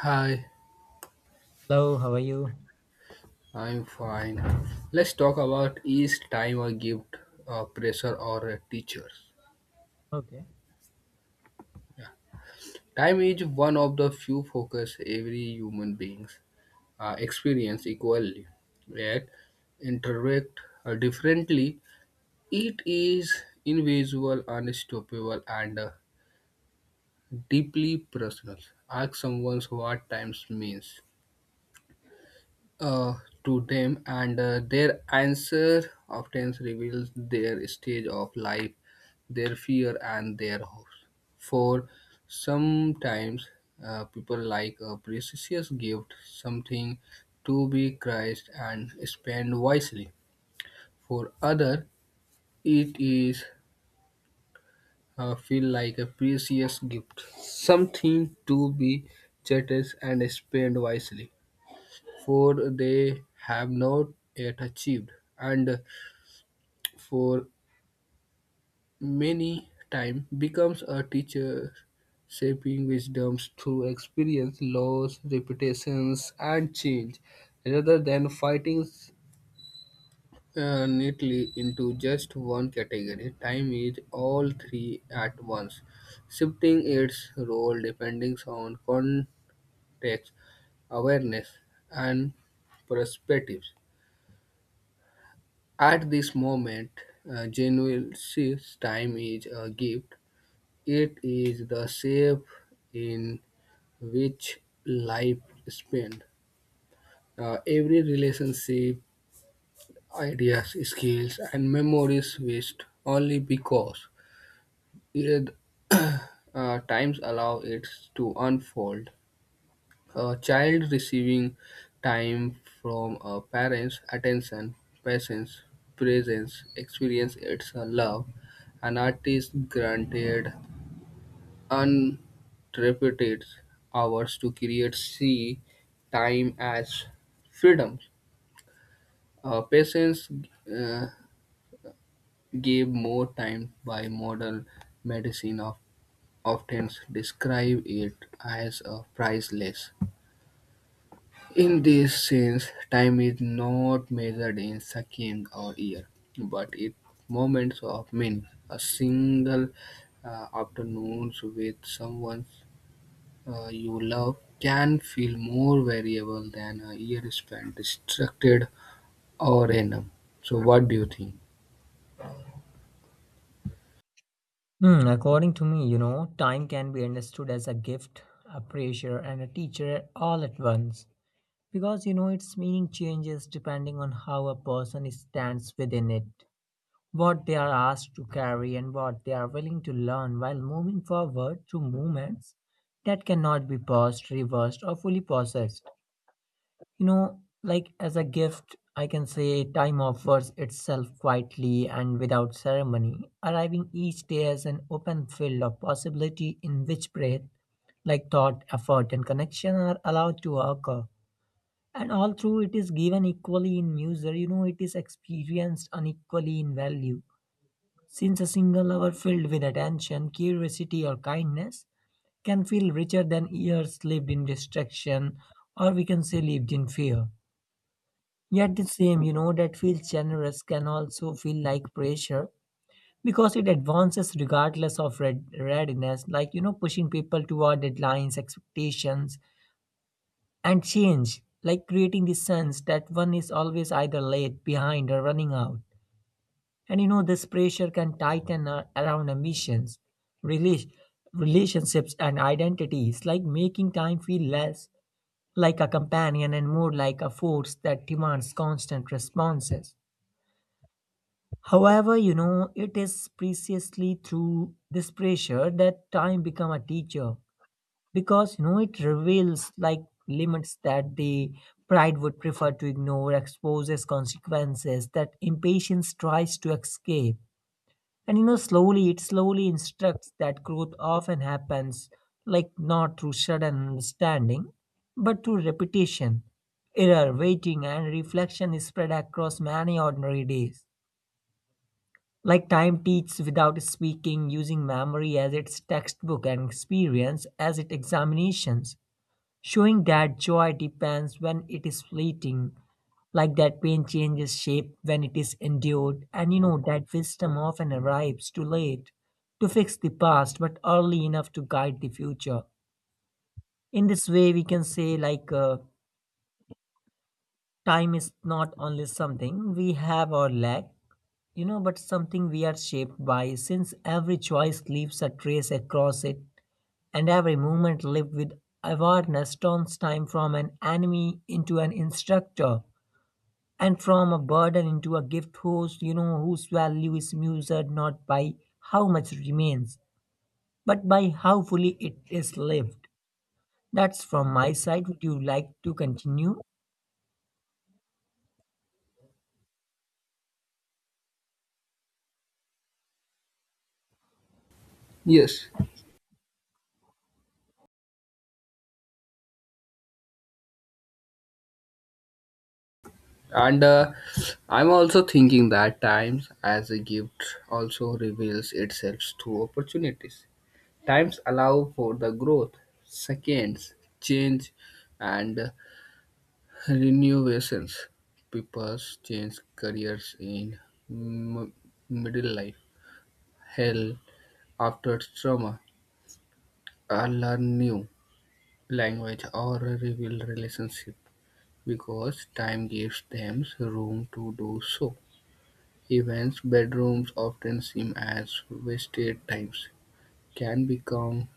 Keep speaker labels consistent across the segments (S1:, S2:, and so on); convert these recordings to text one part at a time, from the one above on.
S1: Hi,
S2: Hello, how are you?
S1: I'm fine. Let's talk about is time a gift, a pressure, or a teacher?
S2: Okay.
S1: Time is one of the few focus every human beings experience equally, yet interact differently. It is invisible, unstoppable, and deeply personal. Ask someone what time means uh, to them, and their answer often reveals their stage of life, their fear, and their hopes. For sometimes people like a precious gift, something to be prized and spend wisely. For other, it is feel like a precious gift, something to be cherished and spent wisely. For they have not yet achieved, and for many time becomes a teacher shaping wisdoms through experience, loss, reputations, and change, rather than fighting neatly into just one category. Time is all three at once, shifting its role depending on context, awareness, and perspectives. At this moment, Genuel's time is a gift. It is the shape in which life is spent. Every relationship, ideas, skills, and memories waste only because it, times allow it to unfold. A child receiving time from a parent's attention, patience, presence, experience its love, an artist granted uninterrupted hours to create see time as freedom. Patients uh, gave more time by modern medicine of often describe it as a priceless. In this sense, time is not measured in seconds or years, but in moments of minutes. A single afternoon with someone you love can feel more variable than a year spent distracted or random. So, what do you think?
S2: Hmm, according to me, you know, time can be understood as a gift, a pressure, and a teacher all at once. Because, you know, its meaning changes depending on how a person stands within it, what they are asked to carry, and what they are willing to learn while moving forward through movements that cannot be paused, reversed, or fully processed. You know, like as a gift, I can say time offers itself quietly and without ceremony, arriving each day as an open field of possibility in which breath, like thought, effort, and connection are allowed to occur. And all through it is given equally in measure, you know, it is experienced unequally in value, since a single hour filled with attention, curiosity, or kindness can feel richer than years lived in distraction, or we can say lived in fear. Yet the same, you know, that feels generous can also feel like pressure, because it advances regardless of readiness, like, you know, pushing people toward deadlines, expectations, and change, like creating the sense that one is always either late, behind, or running out. And, you know, this pressure can tighten around ambitions, rela- relationships, and identities, like making time feel less like a companion and more like a force that demands constant responses. However, you know, it is precisely through this pressure that time become a teacher, because, you know, it reveals like limits that the pride would prefer to ignore, exposes consequences that impatience tries to escape. And, you know, slowly it slowly instructs that growth often happens, like not through sudden understanding, but through repetition, error, waiting, and reflection is spread across many ordinary days. Like time teaches without speaking, using memory as its textbook and experience as its examinations, showing that joy depends when it is fleeting, like that pain changes shape when it is endured, and you know that wisdom often arrives too late to fix the past but early enough to guide the future. In this way, we can say like time is not only something we have or lack, you know, but something we are shaped by, since every choice leaves a trace across it, and every moment lived with awareness turns time from an enemy into an instructor, and from a burden into a gift whose value is measured not by how much remains, but by how fully it is lived. That's from my side. Would you like to continue?
S1: Yes, and I'm also thinking that times as a gift also reveals itself through opportunities. Times allow for the growth, seconds, change, and renovations. People change careers in m- middle life, hell after trauma, or learn new language or reveal relationship because time gives them room to do so. Events, bedrooms often seem as wasted times, can become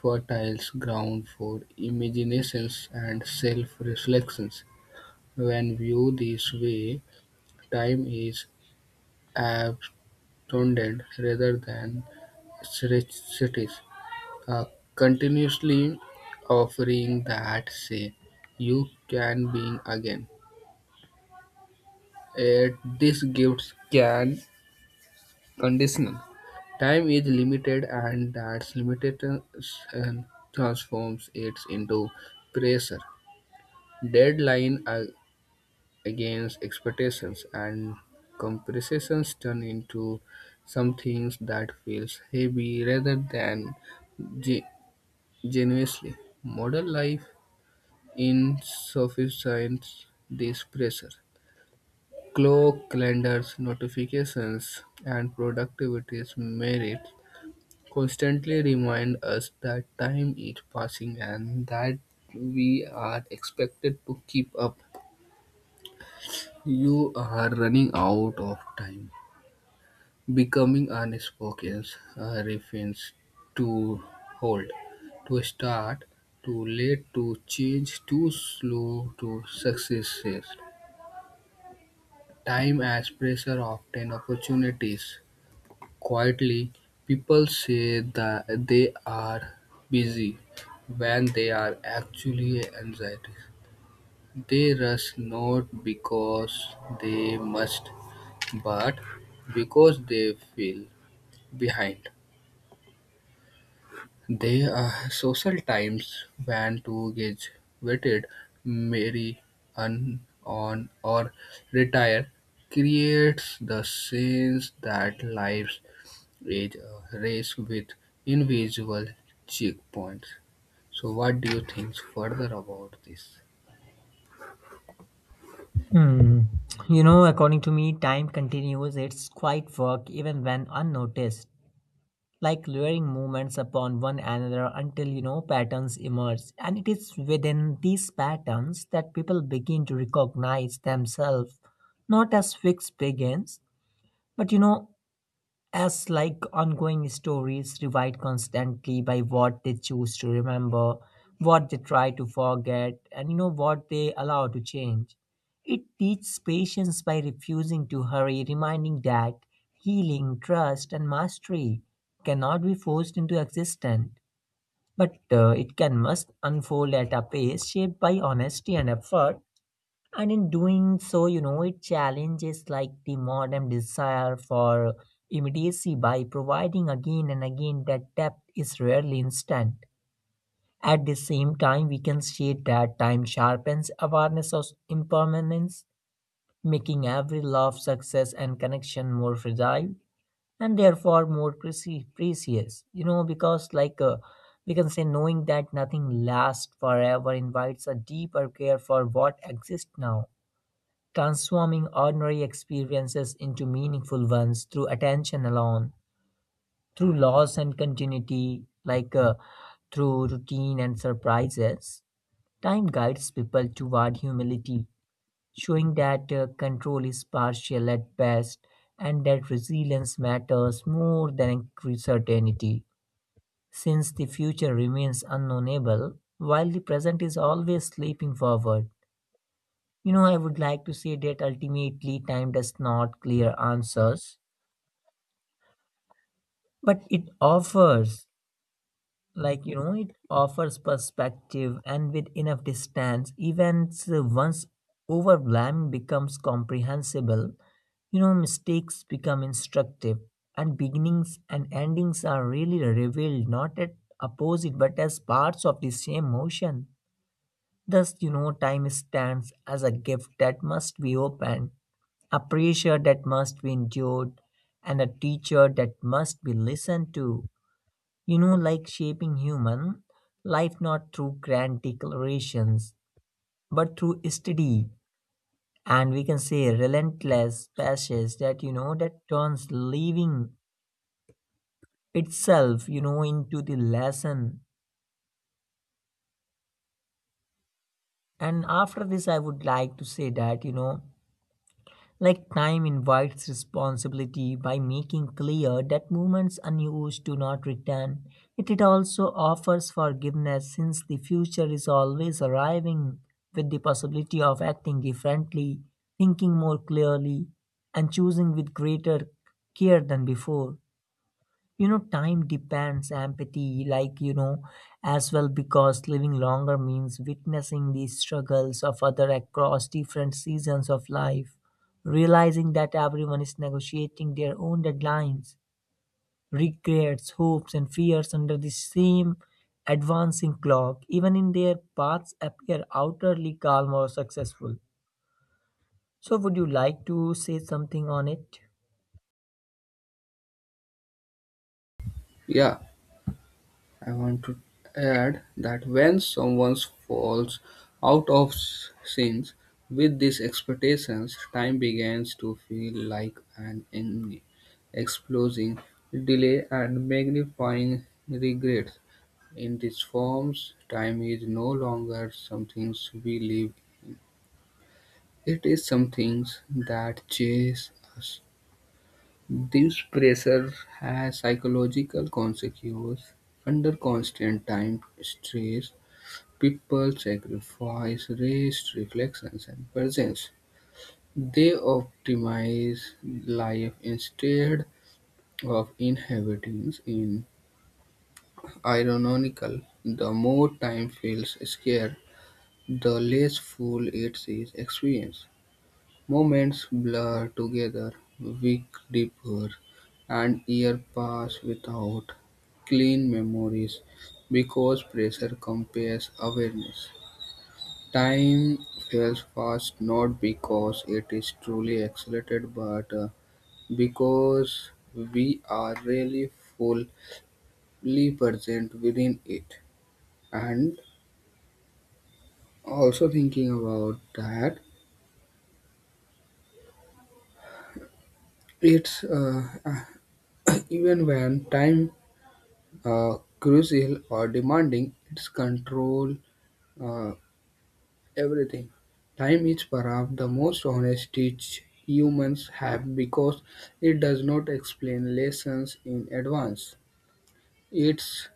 S1: fertile ground for imaginations and self reflections when viewed this way, time is abundant rather than stretched, continuously offering that say, "You can be again." Yet this gift can conditional. Time is limited and that limitation transforms it into pressure, deadline, against expectations and comparisons turn into something that feels heavy rather than ge- genuinely. Modern life insufficients this pressure. Clock, calendars, notifications, and productivity's merits constantly remind us that time is passing and that we are expected to keep up. You are running out of time. Becoming unspoken, Spokians refers to hold to start, too late, to change, too slow, to successes. Time as pressure often opportunities. Quietly, people say that they are busy when they are actually anxiety. They rush not because they must, but because they feel behind. There are social times when to two graduated marry an on or retire creates the sense that life is a race with invisible checkpoints. So what do you think further about this?
S2: Hmm. You know, according to me, time continues its quiet work even when unnoticed, like layering movements upon one another until, you know, patterns emerge, and it is within these patterns that people begin to recognize themselves, not as fixed begins, but, you know, as like ongoing stories revived constantly by what they choose to remember, what they try to forget, and you know what they allow to change. It teaches patience by refusing to hurry, reminding that healing, trust, and mastery cannot be forced into existence, but it can must unfold at a pace shaped by honesty and effort. And in doing so, you know, it challenges like the modern desire for immediacy by providing again and again that depth is rarely instant. At the same time, we can see that time sharpens awareness of impermanence, making every love, success, and connection more fragile and therefore more precious. You know, because like we can say, knowing that nothing lasts forever invites a deeper care for what exists now, transforming ordinary experiences into meaningful ones through attention alone, through loss and continuity, like through routine and surprises. Time guides people toward humility, showing that control is partial at best and that resilience matters more than certainty, since the future remains unknownable, while the present is always sleeping forward. You know, I would like to say that ultimately time does not clear answers, but it offers, like, you know, it offers perspective, and with enough distance, events once overwhelmed becomes comprehensible. You know, mistakes become instructive, and beginnings and endings are really revealed not at opposite but as parts of the same motion. Thus, you know, time stands as a gift that must be opened, a pressure that must be endured, and a teacher that must be listened to. You know, like shaping human life not through grand declarations, but through steady and we can say relentless passions that you know that turns living itself, you know, into the lesson. And after this, I would like to say that, you know, like time invites responsibility by making clear that moments unused do not return. Yet it also offers forgiveness since the future is always arriving with the possibility of acting differently, thinking more clearly, and choosing with greater care than before. You know, time depends empathy, like, you know, as well, because living longer means witnessing the struggles of other across different seasons of life, realizing that everyone is negotiating their own deadlines, regrets, hopes, and fears under the same advancing clock, even in their paths appear outwardly calm or successful. So, would you like to say something on it?
S1: Yeah. I want to add that when someone falls out of sync with these expectations, time begins to feel like an enemy, exposing delay and magnifying regret. In these forms, time is no longer something we live. It is something that chases us. This pressure has psychological consequences. Under constant time stress, people sacrifice rest, reflections, and presence. They optimize life instead of inhabiting in. Ironical, the more time feels scarce, the less full it is experienced. Moments blur together, weak deeper, and years pass without clean memories because pressure compares awareness. Time feels fast not because it is truly accelerated, but because we are really fully present within it. And also thinking about that, it's even when time crucial or demanding, its control uh, everything. Time is perhaps the most honest teacher humans have because it does not explain lessons in advance. It's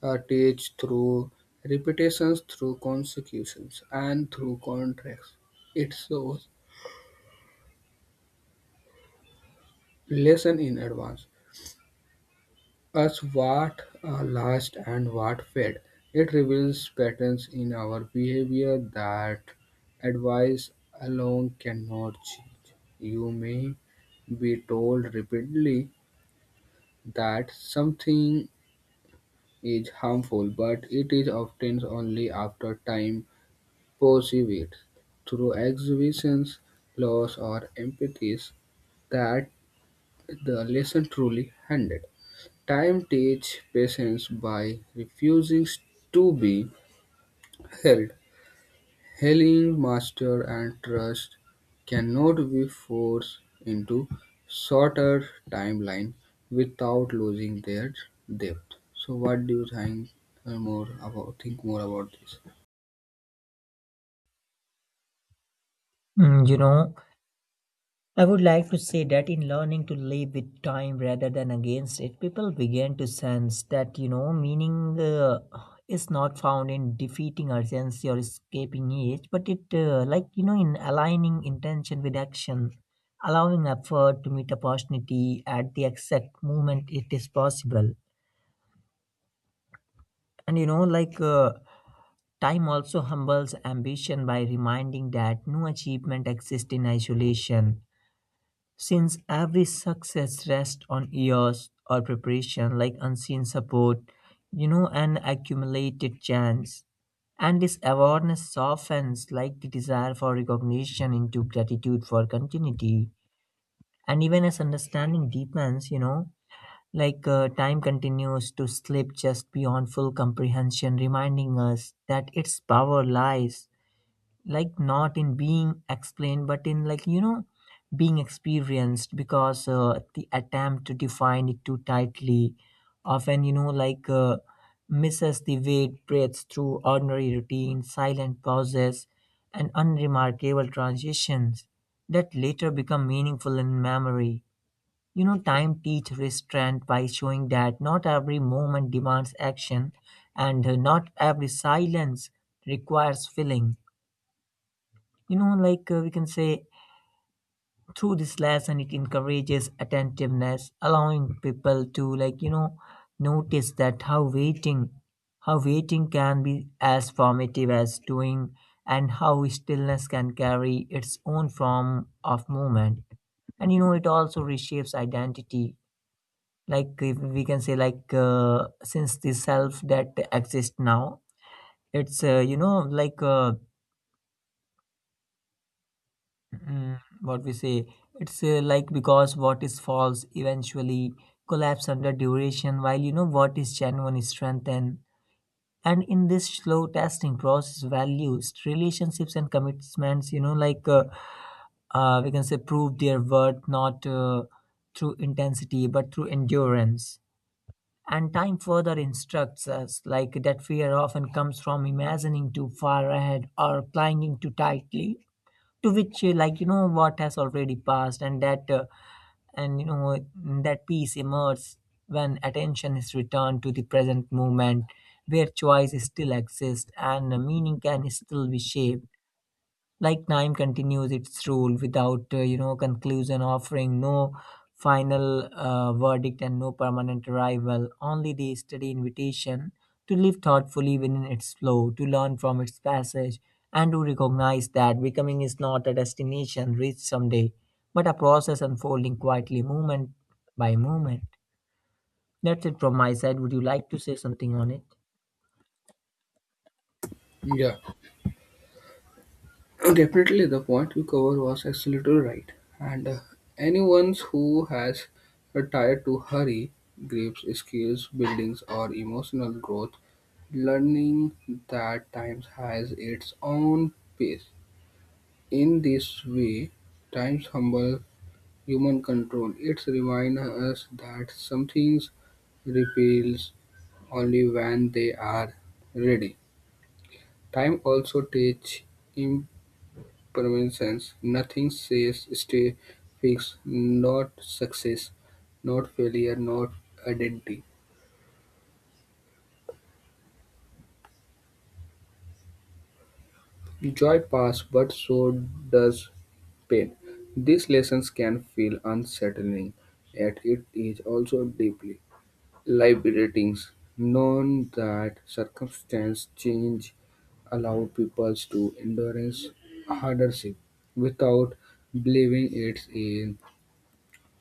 S1: teach through repetitions, through consecutions, and through contracts. It shows lesson in advance. As what last and what fed. It reveals patterns in our behavior that advice alone cannot change. You may be told repeatedly that something is harmful, but it is often only after time perceived through exhibitions, laws, or empathies that the lesson truly handed. Time teaches patience by refusing to be held. Healing master and trust cannot be forced into shorter timeline without losing their depth. So what do you think more about think more about this?
S2: Mm, you know, I would like to say that in learning to live with time rather than against it, people began to sense that, you know, meaning is not found in defeating urgency or escaping it, but it, like, you know, in aligning intention with action, allowing effort to meet opportunity at the exact moment it is possible. And, you know, like, time also humbles ambition by reminding that no achievement exists in isolation, since every success rests on years or preparation, like unseen support, you know, and accumulated chance. And this awareness softens like the desire for recognition into gratitude for continuity. And even as understanding deepens, you know, like time continues to slip just beyond full comprehension, reminding us that its power lies like not in being explained but in, like, you know, being experienced, because the attempt to define it too tightly often, you know, like misses the weight breaths through ordinary routine, silent pauses, and unremarkable transitions that later become meaningful in memory. You know, time teach restraint by showing that not every moment demands action, and not every silence requires filling. You know, like we can say, through this lesson it encourages attentiveness, allowing people to, like, you know, notice that how waiting can be as formative as doing, and how stillness can carry its own form of movement. And, you know, it also reshapes identity, like if we can say like since the self that exists now it's you know like mm, what we say it's like, because what is false eventually collapse under duration, while, you know, what is genuine is strengthened. And in this slow testing process, values, relationships, and commitments, you know, like we can say prove their worth not through intensity but through endurance. And time further instructs us like that fear often comes from imagining too far ahead or clinging too tightly to which like, you know, what has already passed, and that and you know that peace emerges when attention is returned to the present moment, where choice still exists and meaning can still be shaped. Like time continues its rule without you know, conclusion, offering no final verdict and no permanent arrival, only the steady invitation to live thoughtfully within its flow, to learn from its passage, and to recognize that becoming is not a destination reached someday, but a process unfolding quietly moment by moment. That's it from my side. Would you like to say something on it?
S1: Yeah, definitely the point you covered was absolutely right. And anyone who has retired to hurry, grips, skills, buildings, or emotional growth learning that time has its own pace. In this way, time humble human control. It reminds us that some things repels only when they are ready. Time also teaches impermanence. Nothing says stay fixed, not success, not failure, not identity. Joy passes, but so does pain. These lessons can feel unsettling, yet it is also deeply liberating. Knowing that circumstance change allow people to endure hardship without believing it's in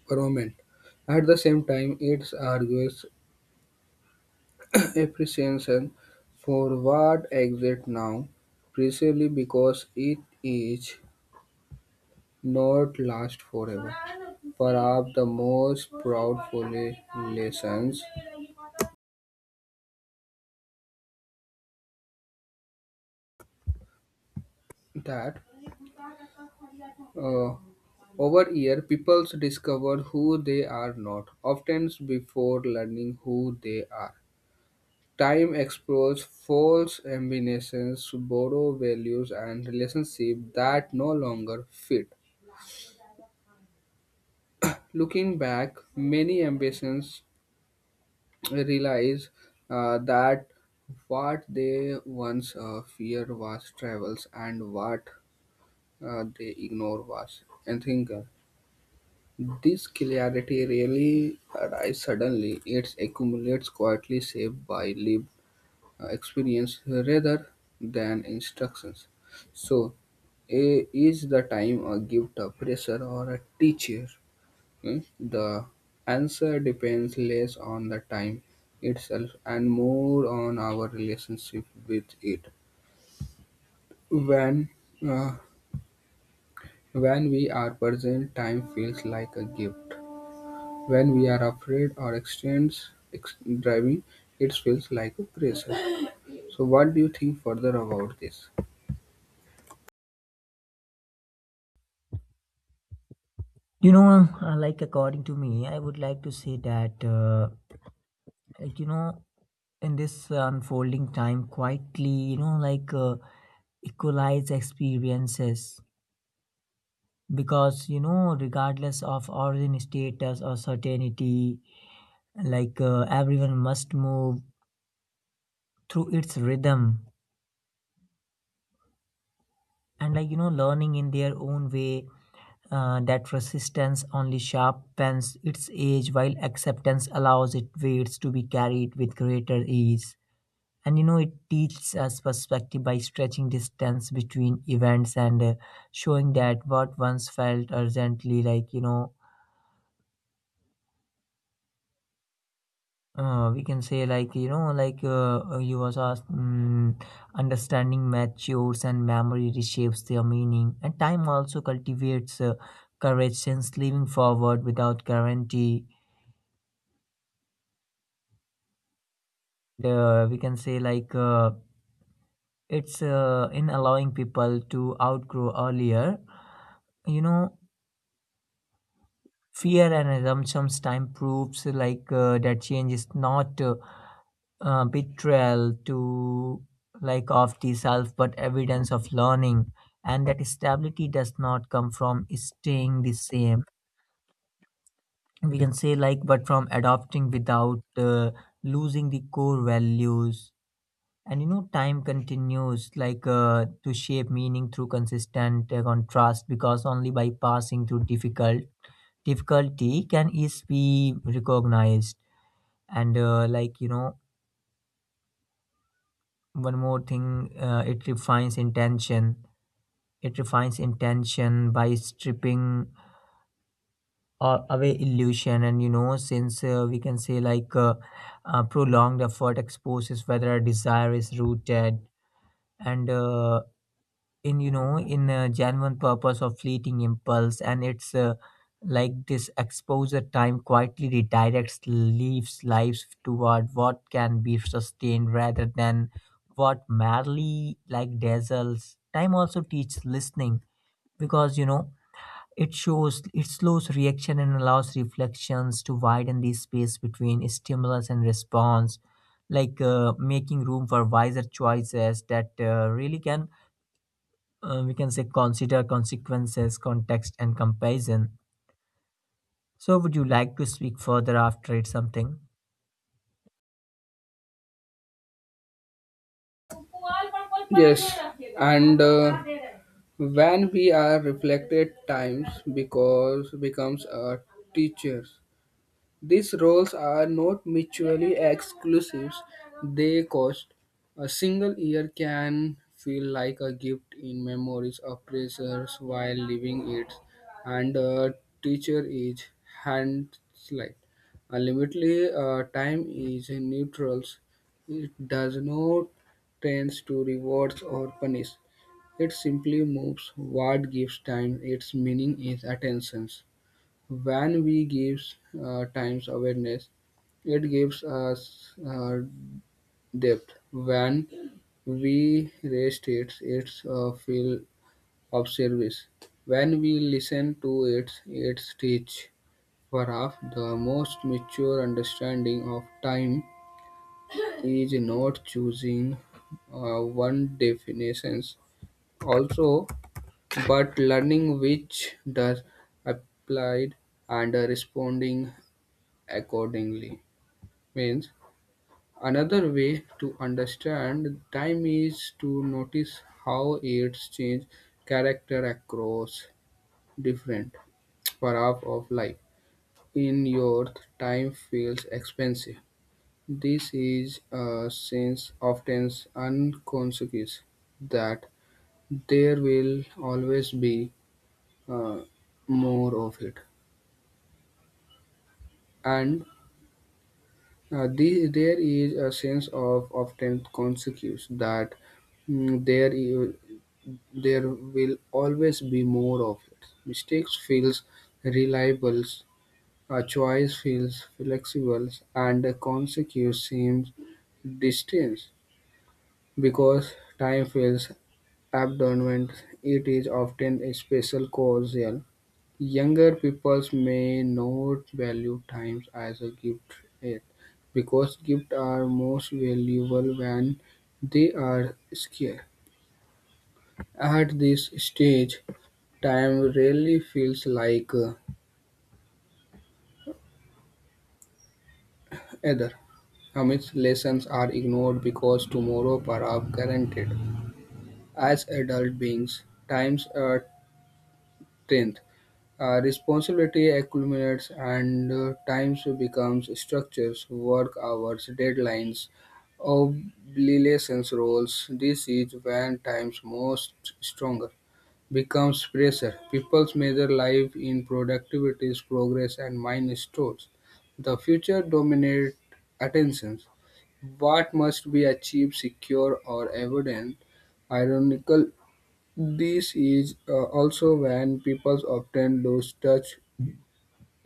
S1: permanent. At the same time, it argues appreciation for what exists now, precisely because it is not last forever. Perhaps the most proudful lessons that uh, over year peoples discover who they are not, often before learning who they are. Time explores false ambitions, borrow values and relationships that no longer fit. Looking back, many ambitions realize that what they once feared was travels and what they ignore was enthinker. This clarity really arises suddenly. It accumulates quietly, shaped by lived experience rather than instructions. So, a, is the time a gift, a pressure, or a teacher? Hmm? The answer depends less on the time itself and more on our relationship with it. When uh, when we are present, time feels like a gift. When we are afraid or extends driving, it feels like a pressure. So, what do you think further about this?
S2: You know, like, according to me, I would like to say that, like, you know, in this unfolding time quietly, you know, like equalize experiences, because, you know, regardless of origin, status, or certainty, like everyone must move through its rhythm, and, like, you know, learning in their own way, that resistance only sharpens its edge, while acceptance allows it weights to be carried with greater ease. And, you know, it teaches us perspective by stretching distance between events, and showing that what once felt urgently, like, you know, we can say like you know like you was asked mm, understanding matures and memory reshapes their meaning. And time also cultivates courage, since living forward without guarantee, the we can say like it's in allowing people to outgrow earlier, you know, fear and assumptions, time proves like that change is not betrayal to like of the self but evidence of learning, and that stability does not come from staying the same, we can say, like but from adopting without losing the core values. And, you know, time continues like to shape meaning through consistent contrast Because only by passing through difficulty can ease be recognized. And one more thing, it refines intention. It refines intention by stripping away illusion. And you know, since we can say like prolonged effort exposes whether a desire is rooted. And in you know in a genuine purpose of fleeting impulse, and it's like this exposure, time quietly redirects leaves lives toward what can be sustained rather than what merely like dazzles. Time also teaches listening, because you know it shows it slows reaction and allows reflections to widen the space between stimulus and response, like making room for wiser choices that really can we can say consider consequences, context, and comparison. So, would you like to speak further after it something?
S1: Yes, and. When we are reflected times because becomes a teacher these roles are not mutually exclusive. They cost. A single year can feel like a gift in memories of pressures while living it, and a teacher is hand slight. Ultimately, time is neutral. It does not tend to reward or punish. It simply moves what gives time its meaning is attention. When we gives times awareness, it gives us depth. When we rest it, it's feel of service. When we listen to it, it teach. Perhaps the most mature understanding of time is not choosing one definitions also, but learning which does applied and responding accordingly means another way to understand time is to notice how it's changed character across different parts of life. In your time feels expensive. This is a sense often unconscious that there will always be uh, more of it, and there is a sense of often consequence that mm, there you- there will always be more of it. Mistakes feels reliable, a choice feels flexible, and the consequence seems distant because time feels abandonment. It is often a special causal younger people may not value time as a gift yet, because gifts are most valuable when they are scarce. At this stage, time really feels like either. Amidst lessons are ignored because tomorrow are up guaranteed. As adult beings, times are tenth. Responsibility accumulates and times becomes structures, work hours, deadlines, obligations, roles. This is when times most stronger becomes pressure. People measure life in productivity, progress, and milestones. The future dominate attentions. What must be achieved, secure, or evident ironical this is also when people often lose touch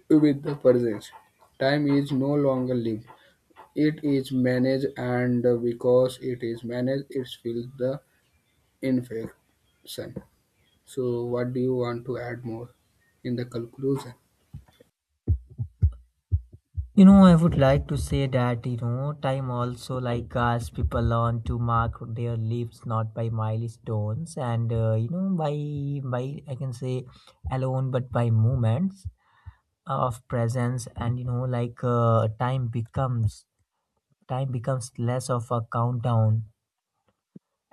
S1: with the presence. Time is no longer lived. It is managed and because it is managed it feels the infection. So what do you want to add more in the conclusion?
S2: You know, I would like to say that you know, time also like us people learn to mark their lives not by milestones and you know by I can say alone, but by moments of presence. And you know like, time becomes less of a countdown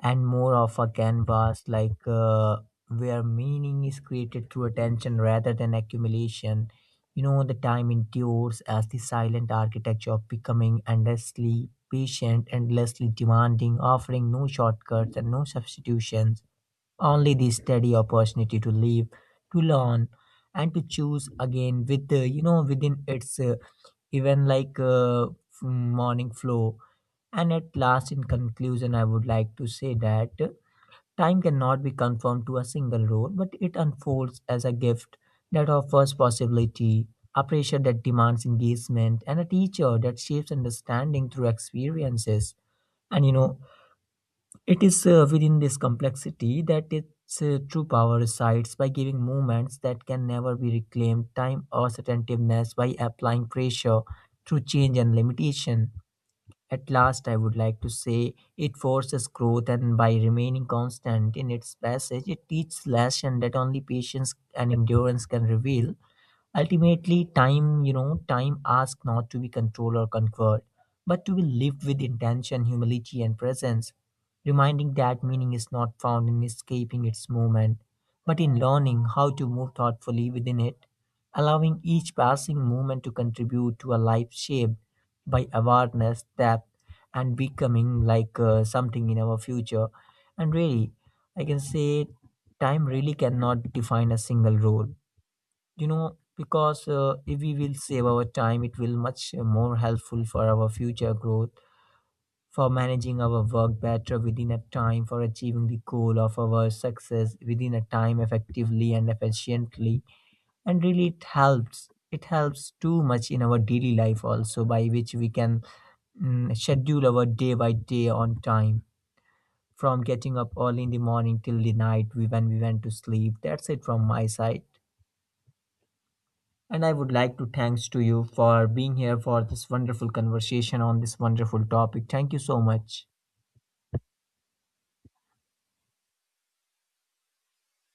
S2: and more of a canvas, like where meaning is created through attention rather than accumulation. You know, the time endures as the silent architecture of becoming, endlessly patient, endlessly demanding, offering no shortcuts and no substitutions, only the steady opportunity to live, to learn, and to choose again with within its even like uh, f- morning flow. And at last, in conclusion, I would like to say that time cannot be conformed to a single rule, but it unfolds as a gift that offers possibility, a pressure that demands engagement, and a teacher that shapes understanding through experiences. And you know, it is within this complexity that its true power resides by giving movements that can never be reclaimed time or attentiveness, by applying pressure through change and limitation. At last, I would like to say it forces growth, and by remaining constant in its passage, it teaches lesson that only patience and endurance can reveal. Ultimately, time, you know, time asks not to be controlled or conquered, but to be lived with intention, humility, and presence, reminding that meaning is not found in escaping its moment, but in learning how to move thoughtfully within it, allowing each passing moment to contribute to a life shaped by awareness, depth, and becoming, like something in our future. And really, I can say time really cannot define a single role, you know, because if we will save our time it will much more helpful for our future growth, for managing our work better within a time, for achieving the goal of our success within a time effectively and efficiently. And really, it helps too much in our daily life also, by which we can schedule our day by day on time, from getting up early in the morning till the night we when we went to sleep. That's it from my side. And I would like to thanks to you for being here for this wonderful conversation on this wonderful topic. Thank you so much.